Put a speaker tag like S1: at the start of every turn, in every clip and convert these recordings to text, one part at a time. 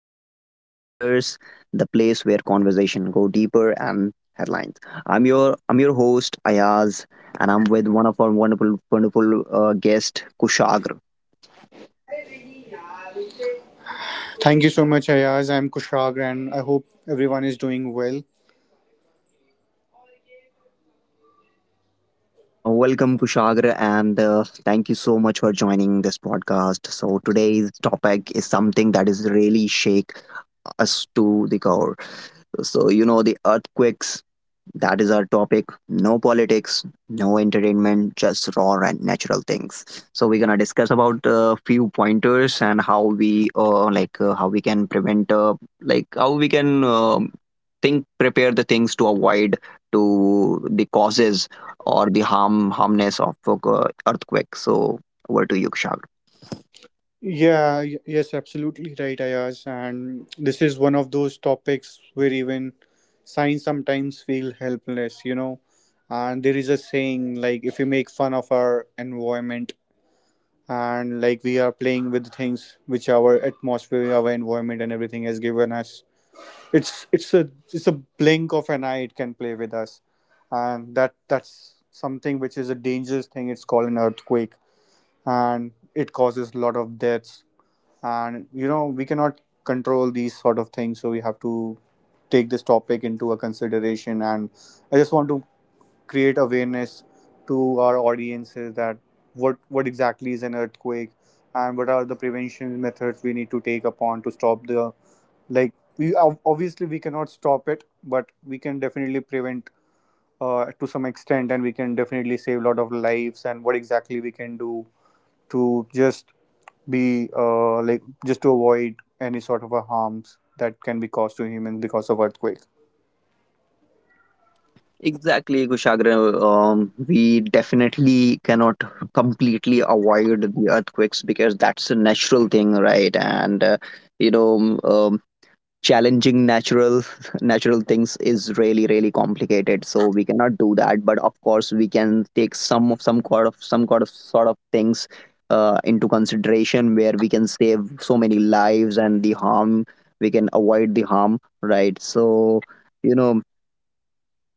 S1: of Mike and Matters, the place where conversation go deeper and headlines. I'm your host Ayaz, and I'm with one of our wonderful guest Kushagra.
S2: Thank you so much, Ayaz. I'm Kushag, and I hope everyone is doing well.
S1: Welcome Kushagra, and thank you so much for joining this podcast. So today's topic is something that is really shake us to the core. So, the earthquakes, that is our topic. No politics, no entertainment, just raw and natural things. So, we're gonna discuss about a few pointers and how we, like, how we can prevent, like, how we can think, prepare the things to avoid to the causes or the harmness of earthquake. So, over to you, Kushag.
S2: Yes, absolutely right, Ayaz. And this is one of those topics where even science sometimes feel helpless, you know. And there is a saying like, if you make fun of our environment, and like we are playing with things which our atmosphere, our environment, and everything has given us, It's a blink of an eye. It can play with us, and that's something which is a dangerous thing. It's called an earthquake, and it causes a lot of deaths. And you know we cannot control these sort of things, so we have to take this topic into a consideration. And I just want to create awareness to our audiences that what exactly is an earthquake and what are the prevention methods we need to take upon to stop the, like, we obviously we cannot stop it but we can definitely prevent to some extent, and we can definitely save a lot of lives and what exactly we can do to just be, like, just to avoid any sort of a harms that can be caused to humans because of earthquake.
S1: Exactly, Kushagra. We definitely cannot completely avoid the earthquakes because that's a natural thing, right? And you know, um, um, challenging natural natural things is really really complicated. So we cannot do that. But of course, we can take some of some kind of some kind of sort of things into consideration where we can save so many lives and the harm we can avoid the harm, right? So you know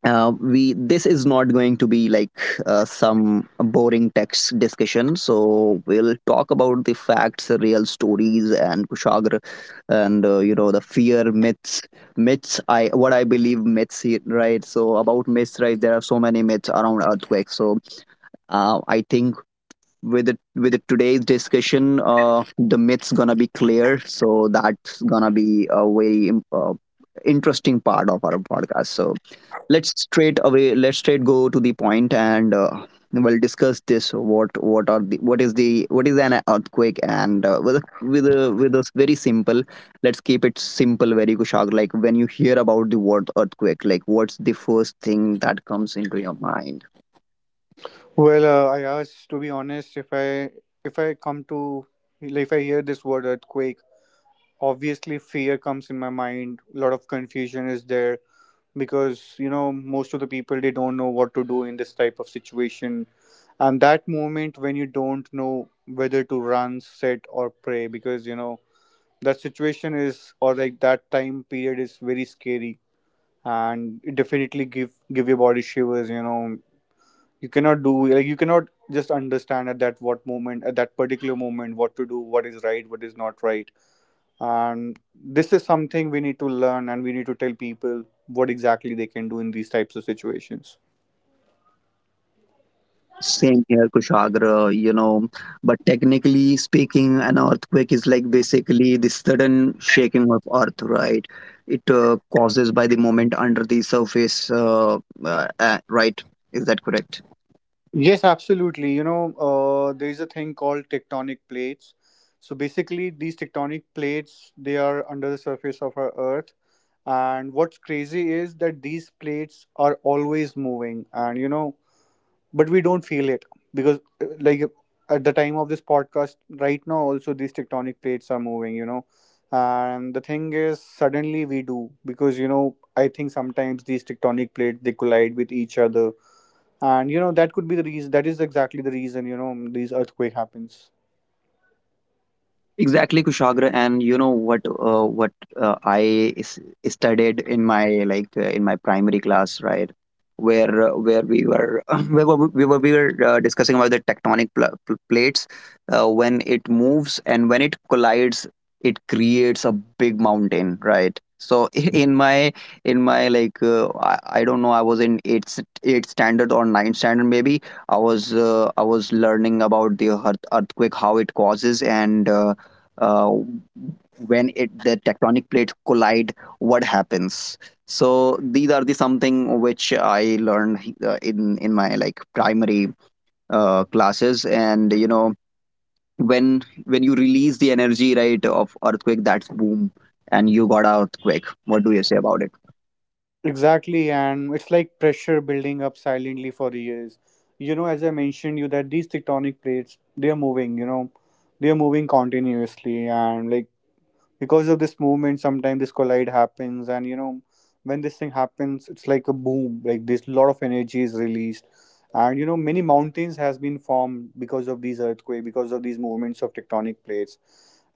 S1: we this is not going to be like some boring text discussion, so we'll talk about the facts, real stories, and Kushagra, and the fear, myths myths I what I believe, myths, right? So about myths, right, there are so many myths around earthquakes. So I think with it today's discussion, the myths gonna be clear, so that's gonna be a very interesting part of our podcast. So let's straight go to the point, and we'll discuss this what are the what is an earthquake. And with a very simple, let's keep it simple, very Kushag, like when you hear about the word earthquake, like what's the first thing that comes into your mind?
S2: Well, I asked to be honest, if I come to, like, if I hear this word earthquake, obviously fear comes in my mind. A lot of confusion is there because you know most of the people they don't know what to do in this type of situation. And that moment when you don't know whether to run, sit, or pray, because you know that situation is, or like, that time period is very scary, and it definitely give your body shivers, you know. You cannot do, like, you cannot just understand at that what moment, at that particular moment, what to do, what is right, what is not right. And this is something we need to learn, and we need to tell people what exactly they can do in these types of situations.
S1: Same here, Kushagra, but technically speaking, an earthquake is like basically the sudden shaking of earth, right? It causes by the moment under the surface, right? Is that correct?
S2: Yes, absolutely. You know, there is a thing called tectonic plates. So basically these tectonic plates, they are under the surface of our earth, and what's crazy is that these plates are always moving, and you know, but we don't feel it because, like, at the time of this podcast right now also, these tectonic plates are moving, you know. And the thing is suddenly we do, because you know, I think sometimes these tectonic plates they collide with each other, and you know that could be the reason, that is exactly the reason, you know, these earthquake happens.
S1: Exactly, Kushagra, and you know what? What I studied in my in my primary class, right? Where we were where were- we were we were discussing about the tectonic plates, when it moves and when it collides, it creates a big mountain, right? So in my like, I don't know, I was in eighth standard or ninth standard, maybe. I was I was learning about the earthquake, how it causes, and uh, when it the tectonic plates collide, what happens. So these are the something which I learned in my like primary classes. And when you release the energy, right, of earthquake, that's boom, and you got a earthquake. What do you say about it?
S2: Exactly, and it's like pressure building up silently for years. You know, as I mentioned you, that these tectonic plates, they are moving, you know, they are moving continuously, and like, because of this movement sometimes this collide happens, and you know when this thing happens it's like a boom, like this, lot of energy is released. And you know many mountains has been formed because of these earthquake, because of these movements of tectonic plates.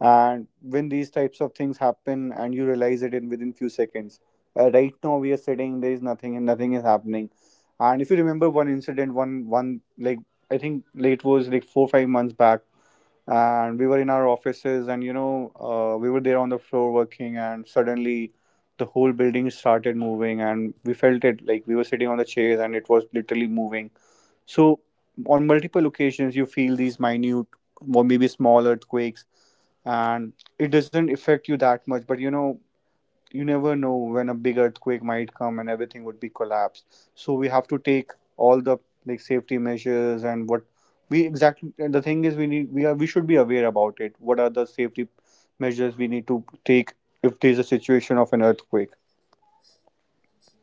S2: And when these types of things happen, and you realize it in within few seconds. Right now we are sitting, there is nothing, and nothing is happening. And if you remember one incident, one like, I think late was like 4 5 months back, and we were in our offices, and you know we were there on the floor working, and suddenly the whole building started moving, and we felt it like we were sitting on the chairs and it was literally moving. So on multiple occasions you feel these minute or maybe small earthquakes, and it doesn't affect you that much, but you know, you never know when a big earthquake might come and everything would be collapsed, so we have to take all the like safety measures. And what we exactly, and the thing is we need, we are, we should be aware about it, what are the safety measures we need to take if there's a situation of an earthquake.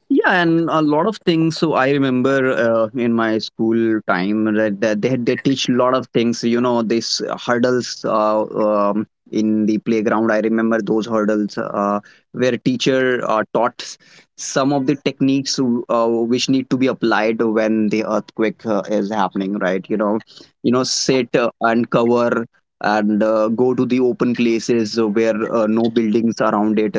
S1: Yeah, and a lot of things. So I remember in my school time that, they teach a lot of things. This hurdles in the playground. I remember those hurdles where teacher taught some of the techniques which need to be applied when the earthquake is happening. Right? Sit and cover, and go to the open places where no buildings around it,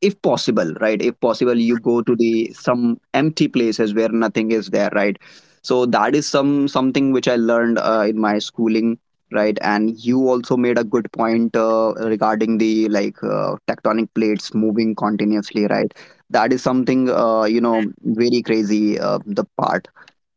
S1: if possible, right? If possible, you go to the some empty places where nothing is there, right? So that is something which I learned in my schooling, right. And you also made a good point regarding the like, tectonic plates moving continuously, right. That is something very crazy, the part.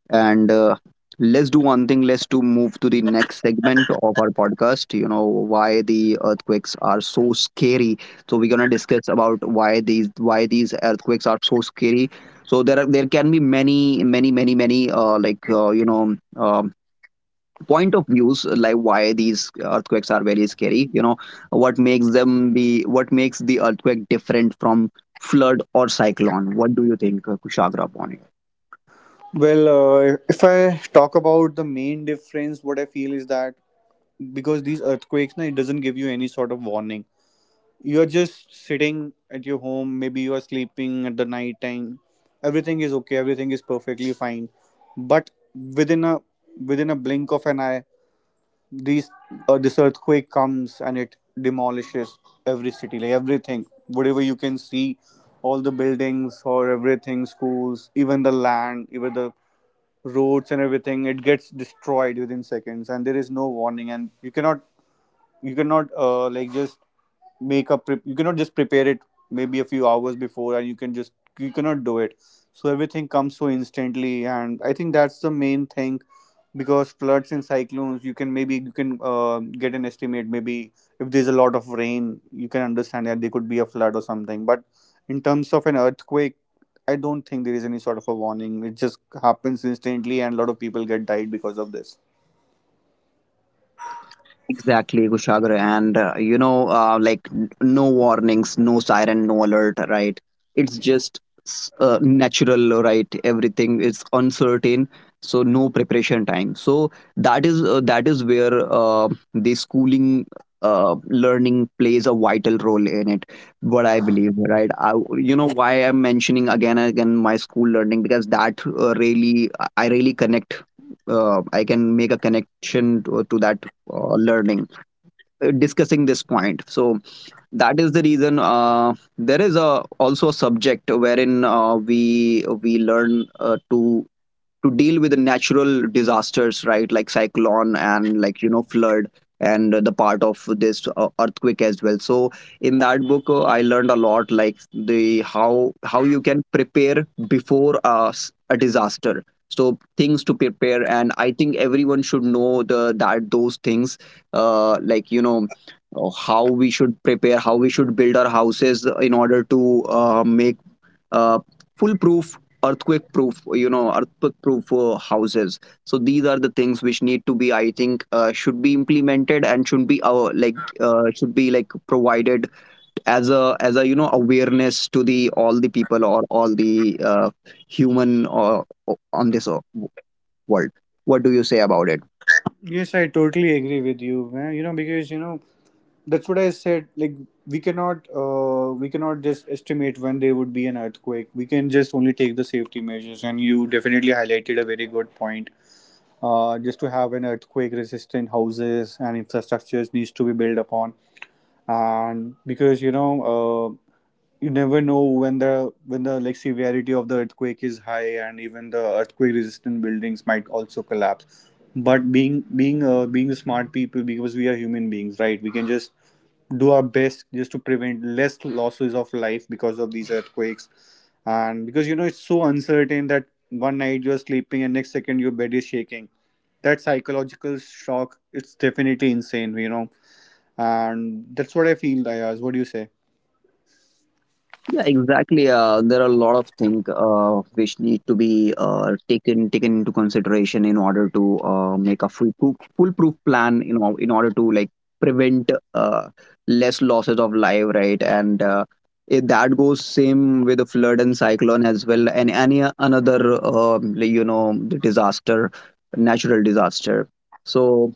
S1: And let's do one thing, let's to move to the next segment of our podcast. You know why the earthquakes are so scary. So we're gonna discuss about why these earthquakes are so scary. So there can be many like, point of views, like why these earthquakes are very scary, what makes the earthquake different from flood or cyclone? What do you think, Kushagra, upon it?
S2: Well, if I talk about the main difference, what I feel is that because these earthquakes, na, it doesn't give you any sort of warning. You're just sitting at your home, maybe you are sleeping at the night time, everything is okay, everything is perfectly fine, but within a within a blink of an eye, these this earthquake comes and it demolishes every city, like everything whatever you can see, all the buildings or everything, schools, even the land, even the roads and everything, it gets destroyed within seconds. And there is no warning and you cannot like just make a prep, you cannot just prepare it maybe a few hours before, and you can just, you cannot do it. So everything comes so instantly, and I think that's the main thing, because floods and cyclones you can, maybe you can get an estimate. Maybe if there's a lot of rain you can understand that there could be a flood or something, but in terms of an earthquake, I don't think there is any sort of a warning. It just happens instantly, and a lot of people get died because of this.
S1: Exactly, Kushagra. And, like no warnings, no siren, no alert, right? It's just natural, right? Everything is uncertain. So no preparation time. So that is where the schooling learning plays a vital role in it. What I believe, right? You know why I'm mentioning again and again my school learning, because that really I really connect, I can make a connection to, that learning, discussing this point. So that is the reason there is a also a subject wherein we learn to deal with the natural disasters, right, like cyclone, and like flood, and the part of this earthquake as well. So in that book I learned a lot, like the how you can prepare before a disaster. So things to prepare, and I think everyone should know the that those things, like how we should prepare, how we should build our houses in order to make uh, foolproof earthquake proof you know earthquake proof houses. So these are the things which need to be, I think, should be implemented, and should be like provided as a awareness to the all the people, or all the human on this world. What do you say about it?
S2: Yes, I totally agree with you, man. You know, because you know, that's what I said, like, we cannot just estimate when there would be an earthquake. We can just only take the safety measures, and you definitely highlighted a very good point, just to have an earthquake resistant houses and infrastructures needs to be built upon. And because you know, you never know when the like severity of the earthquake is high, and even the earthquake resistant buildings might also collapse. But being the smart people, because we are human beings, right, we can just do our best just to prevent less losses of life because of these earthquakes. And because you know, it's so uncertain, that one night you're sleeping and next second your bed is shaking. That psychological shock, it's definitely insane, you know, and that's what I feel, Ayaz. What do you say?
S1: Yeah, exactly. There are a lot of things which need to be taken into consideration in order to make a foolproof plan. In order to like prevent less losses of life, right? And that goes same with the flood and cyclone as well, and any another like, natural disaster. So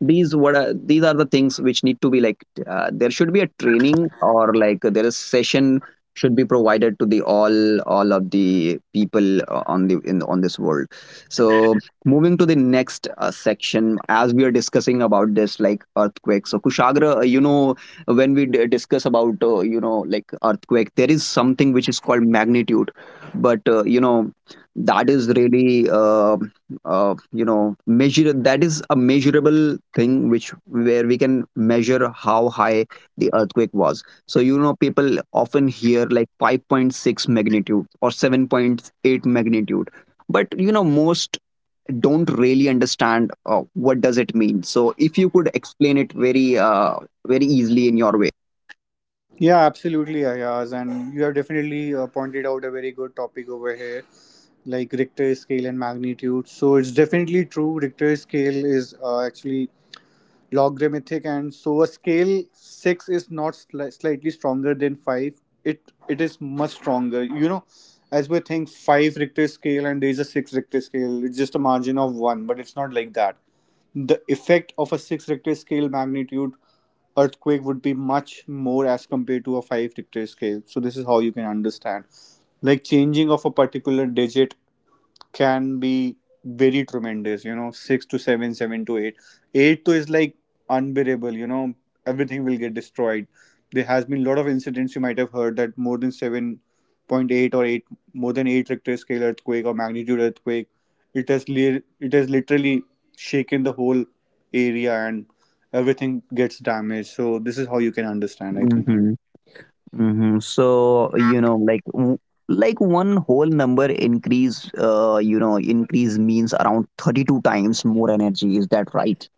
S1: these are the things which need to be, like, there should be a training, or like there is session should be provided to the all of the people on the in on this world. So moving to the next section, as we are discussing about this, like, earthquake. So Kushagra, when we discuss about like, earthquake, there is something which is called magnitude. But that is really measure that is a measurable thing, which, where we can measure how high the earthquake was. So people often hear like 5.6 magnitude or 7.8 magnitude, but most don't really understand what does it mean. So if you could explain it very very easily in your way.
S2: Yeah, absolutely, Ayaz, and you have definitely pointed out a very good topic over here, like Richter scale and magnitude. So it's definitely true, Richter scale is actually logarithmic, and so a scale 6 is not slightly stronger than 5, it is much stronger, you know. As we think, 5 Richter scale and there is a 6 Richter scale, it's just a margin of 1, but it's not like that. The effect of a 6 Richter scale magnitude earthquake would be much more as compared to a 5 Richter scale. So this is how you can understand, like changing of a particular digit can be very tremendous, you know. Six to seven, seven to eight, eight to is like unbearable, you know, everything will get destroyed. There has been a lot of incidents you might have heard that more than 7.8 or 8, more than 8 Richter scale earthquake or magnitude earthquake, it has it has literally shaken the whole area, and everything gets damaged. So this is how you can understand, I think.
S1: Hmm. So like one whole number increase, increase, means around 32 times more energy. Is that right?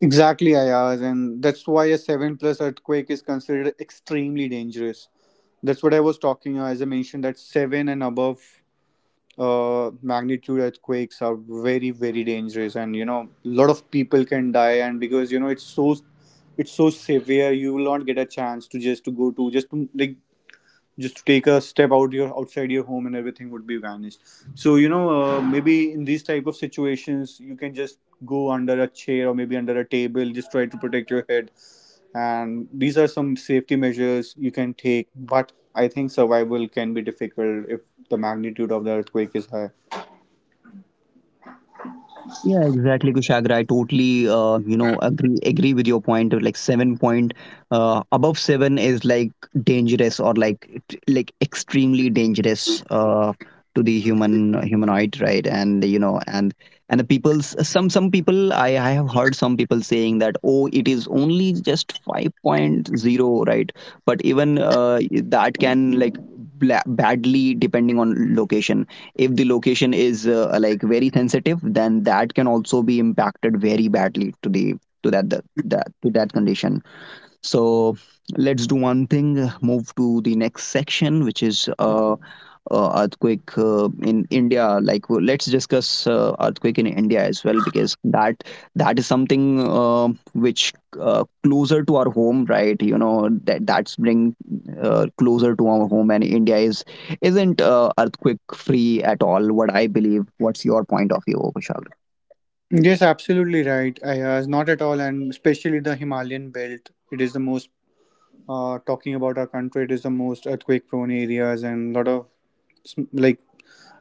S2: Exactly, Ayaz, and that's why a 7 plus earthquake is considered extremely dangerous. That's what I was talking, as I mentioned, that 7 and above magnitude earthquakes are very, very dangerous, and you know, a lot of people can die, and because you know, it's so severe, you will not get a chance to just to go, to just to, like, just to take a step out your outside your home, and everything would be vanished. So you know, maybe in these type of situations you can just go under a chair, or maybe under a table, just try to protect your head. And these are some safety measures you can take, but I think survival can be difficult if the magnitude of the earthquake is high.
S1: Yeah, exactly, Kushagra. I totally, agree with your point. Of like seven point, above seven is like dangerous, or like like extremely dangerous to the humanoid, right? And and the people's some people I have heard some people saying that, oh, it is only just five point zero, right? But even that can like badly, depending on location. If the location is like very sensitive, then that can also be impacted very badly to the to that condition. So let's do one thing, move to the next section, which is earthquake in India. Like, let's discuss earthquake in India as well, because that is something which, closer to our home, right? You know that that's bring closer to our home, and India is isn't earthquake free at all. What I believe. What's your point of view, Kushal?
S2: Yes, absolutely right, Ayaz. Not at all, and especially the Himalayan belt. It is the most, talking about our country, it is the most earthquake-prone areas, and lot of like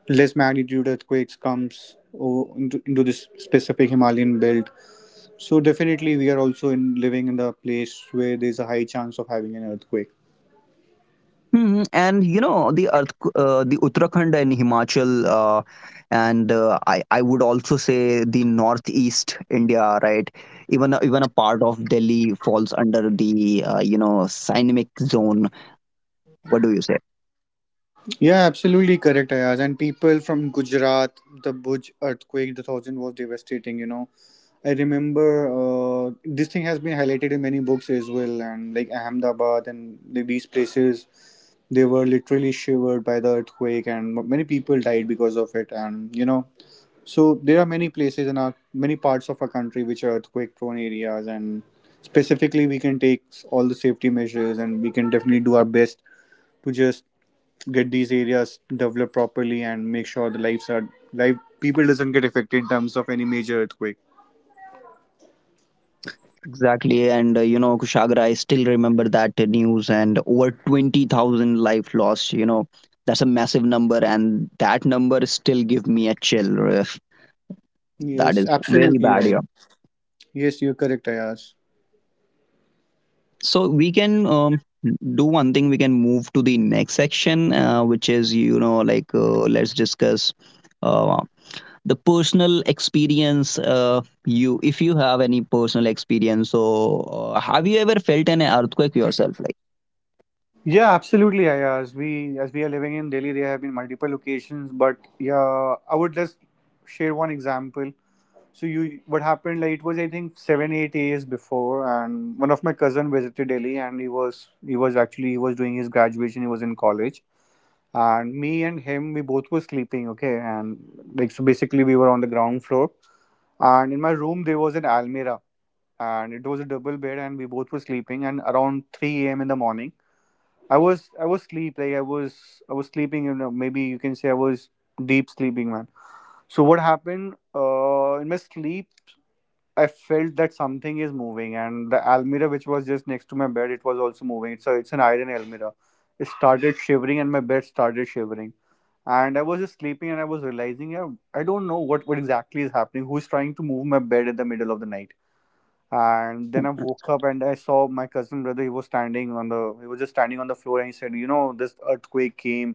S2: less magnitude earthquakes comes into this specific Himalayan belt. So definitely we are also in living in the place where there's a high chance of having an earthquake.
S1: Mhm, and you know the Uttarakhand and Himachal, and I would also say the northeast India, right? Even even a part of Delhi falls under the seismic zone. What do you say?
S2: Yeah, absolutely correct, Ayaz, and people from Gujarat, the Bhuj earthquake, the thousand was devastating, you know. I remember this thing has been highlighted in many books as well, and like Ahmedabad and like, these places, they were literally shivered by the earthquake, and many people died because of it, and you know. So there are many places in our, many parts of our country, which are earthquake prone areas, and specifically we can take all the safety measures, and we can definitely do our best to just get these areas developed properly, and make sure the lives are, life people doesn't get affected in terms of any major earthquake.
S1: Exactly, and Kushagra, I still remember that news, and over 20,000 life lost. You know that's a massive number, and that number still give me a chill. uh, That
S2: Yes,
S1: is very
S2: absolutely
S1: bad,
S2: right. Yes, you're correct, Ayaz.
S1: so we can do one thing, we can move to the next section, which is like, let's discuss uh, the personal experience. You if you have any personal experience, so have you ever felt an earthquake yourself, like.
S2: Yeah, absolutely, Ayaz. We, as we are living in Delhi, there have been multiple occasions, but yeah, I would just share one example. So you, what happened? Like it was, I think, seven, 8 days before, and one of my cousin visited Delhi, and he was actually, he was doing his graduation. He was in college, and me and him, we both were sleeping. Okay, and like, so basically, we were on the ground floor, and in my room there was an almirah, and it was a double bed, and we both were sleeping. And around 3 a.m. in the morning, I was sleep, like I was sleeping. You know, maybe you can say I was deep sleeping, man. So what happened? In my sleep, I felt that something is moving, and the almirah which was just next to my bed, it was also moving. It's an iron almirah. It started shivering, and my bed started shivering. And I was just sleeping, and I was realizing, yeah, I don't know what exactly is happening. Who's trying to move my bed in the middle of the night? And then I woke up and I saw my cousin brother. He was standing on the, he was just standing on the floor, and he said, "You know, this earthquake came."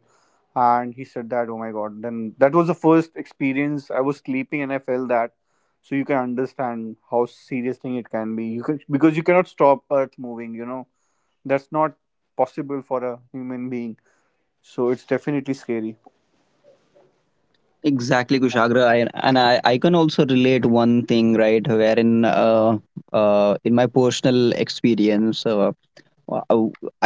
S2: And he said that, "Oh my God!" Then that was the first experience. I was sleeping and I felt that. So you can understand how serious thing it can be. You can, because you cannot stop Earth moving. You know that's not possible for a human being. So it's definitely scary.
S1: Exactly Kushagra, I can also relate one thing, right, wherein in my personal experience, wow, I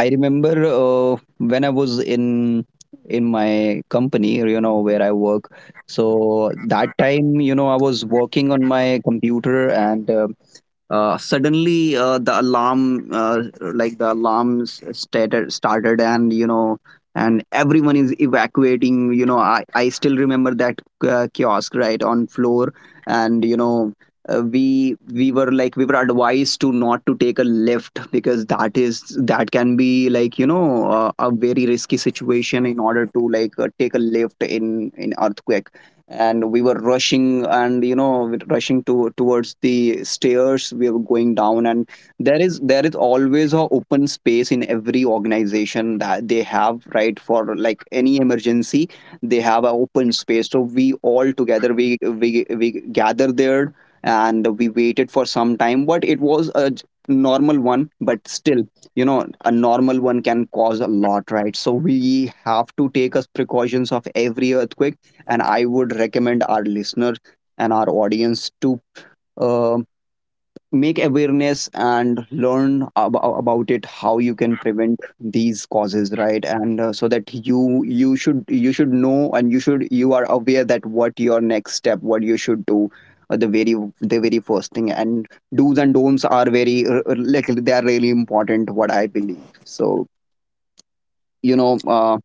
S1: I remember when I was in my company, where I work. So that time, I was working on my computer, and suddenly the alarms started, and and everyone is evacuating. I still remember that kiosk right on floor, and we were advised to not to take a lift, because that can be like, a very risky situation in order to like take a lift in earthquake. And we were rushing, and rushing to towards the stairs, we were going down. And there is always a open space in every organization that they have, right, for like any emergency. They have a open space, so we all together, we gather there. And we waited for some time, but it was a normal one, but still, a normal one can cause a lot, right? So we have to take us precautions of every earthquake. And I would recommend our listener and our audience to uh, make awareness and learn about it, how you can prevent these causes, right. And so that you should know, and you are aware that what you should do the very first thing. And do's and don'ts are very like, they are really important, what I believe. So you know uh,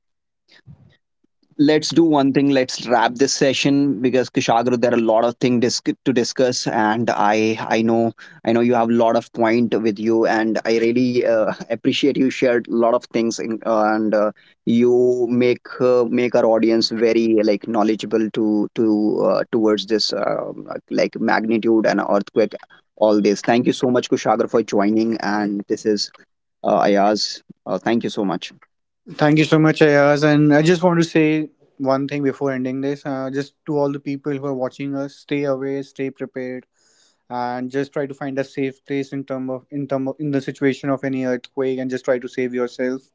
S1: let's do one thing, let's wrap this session. Because Kushagra, there are a lot of things to discuss, and I know you have a lot of point with you, and I really appreciate you shared a lot of things and you make make our audience very, like, knowledgeable to towards this, like, magnitude and earthquake, all this. Thank you so much, Kushagra, for joining, and this is Ayaz, thank you so much.
S2: Thank you so much, Ayaz. And I just want to say one thing before ending this. Just to all the people who are watching us, stay away, stay prepared, and just try to find a safe place in term of, in the situation of any earthquake, and just try to save yourself.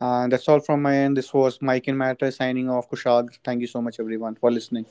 S2: And that's all from my end. This was Mike and Matter signing off. Kushag, thank you so much everyone for listening.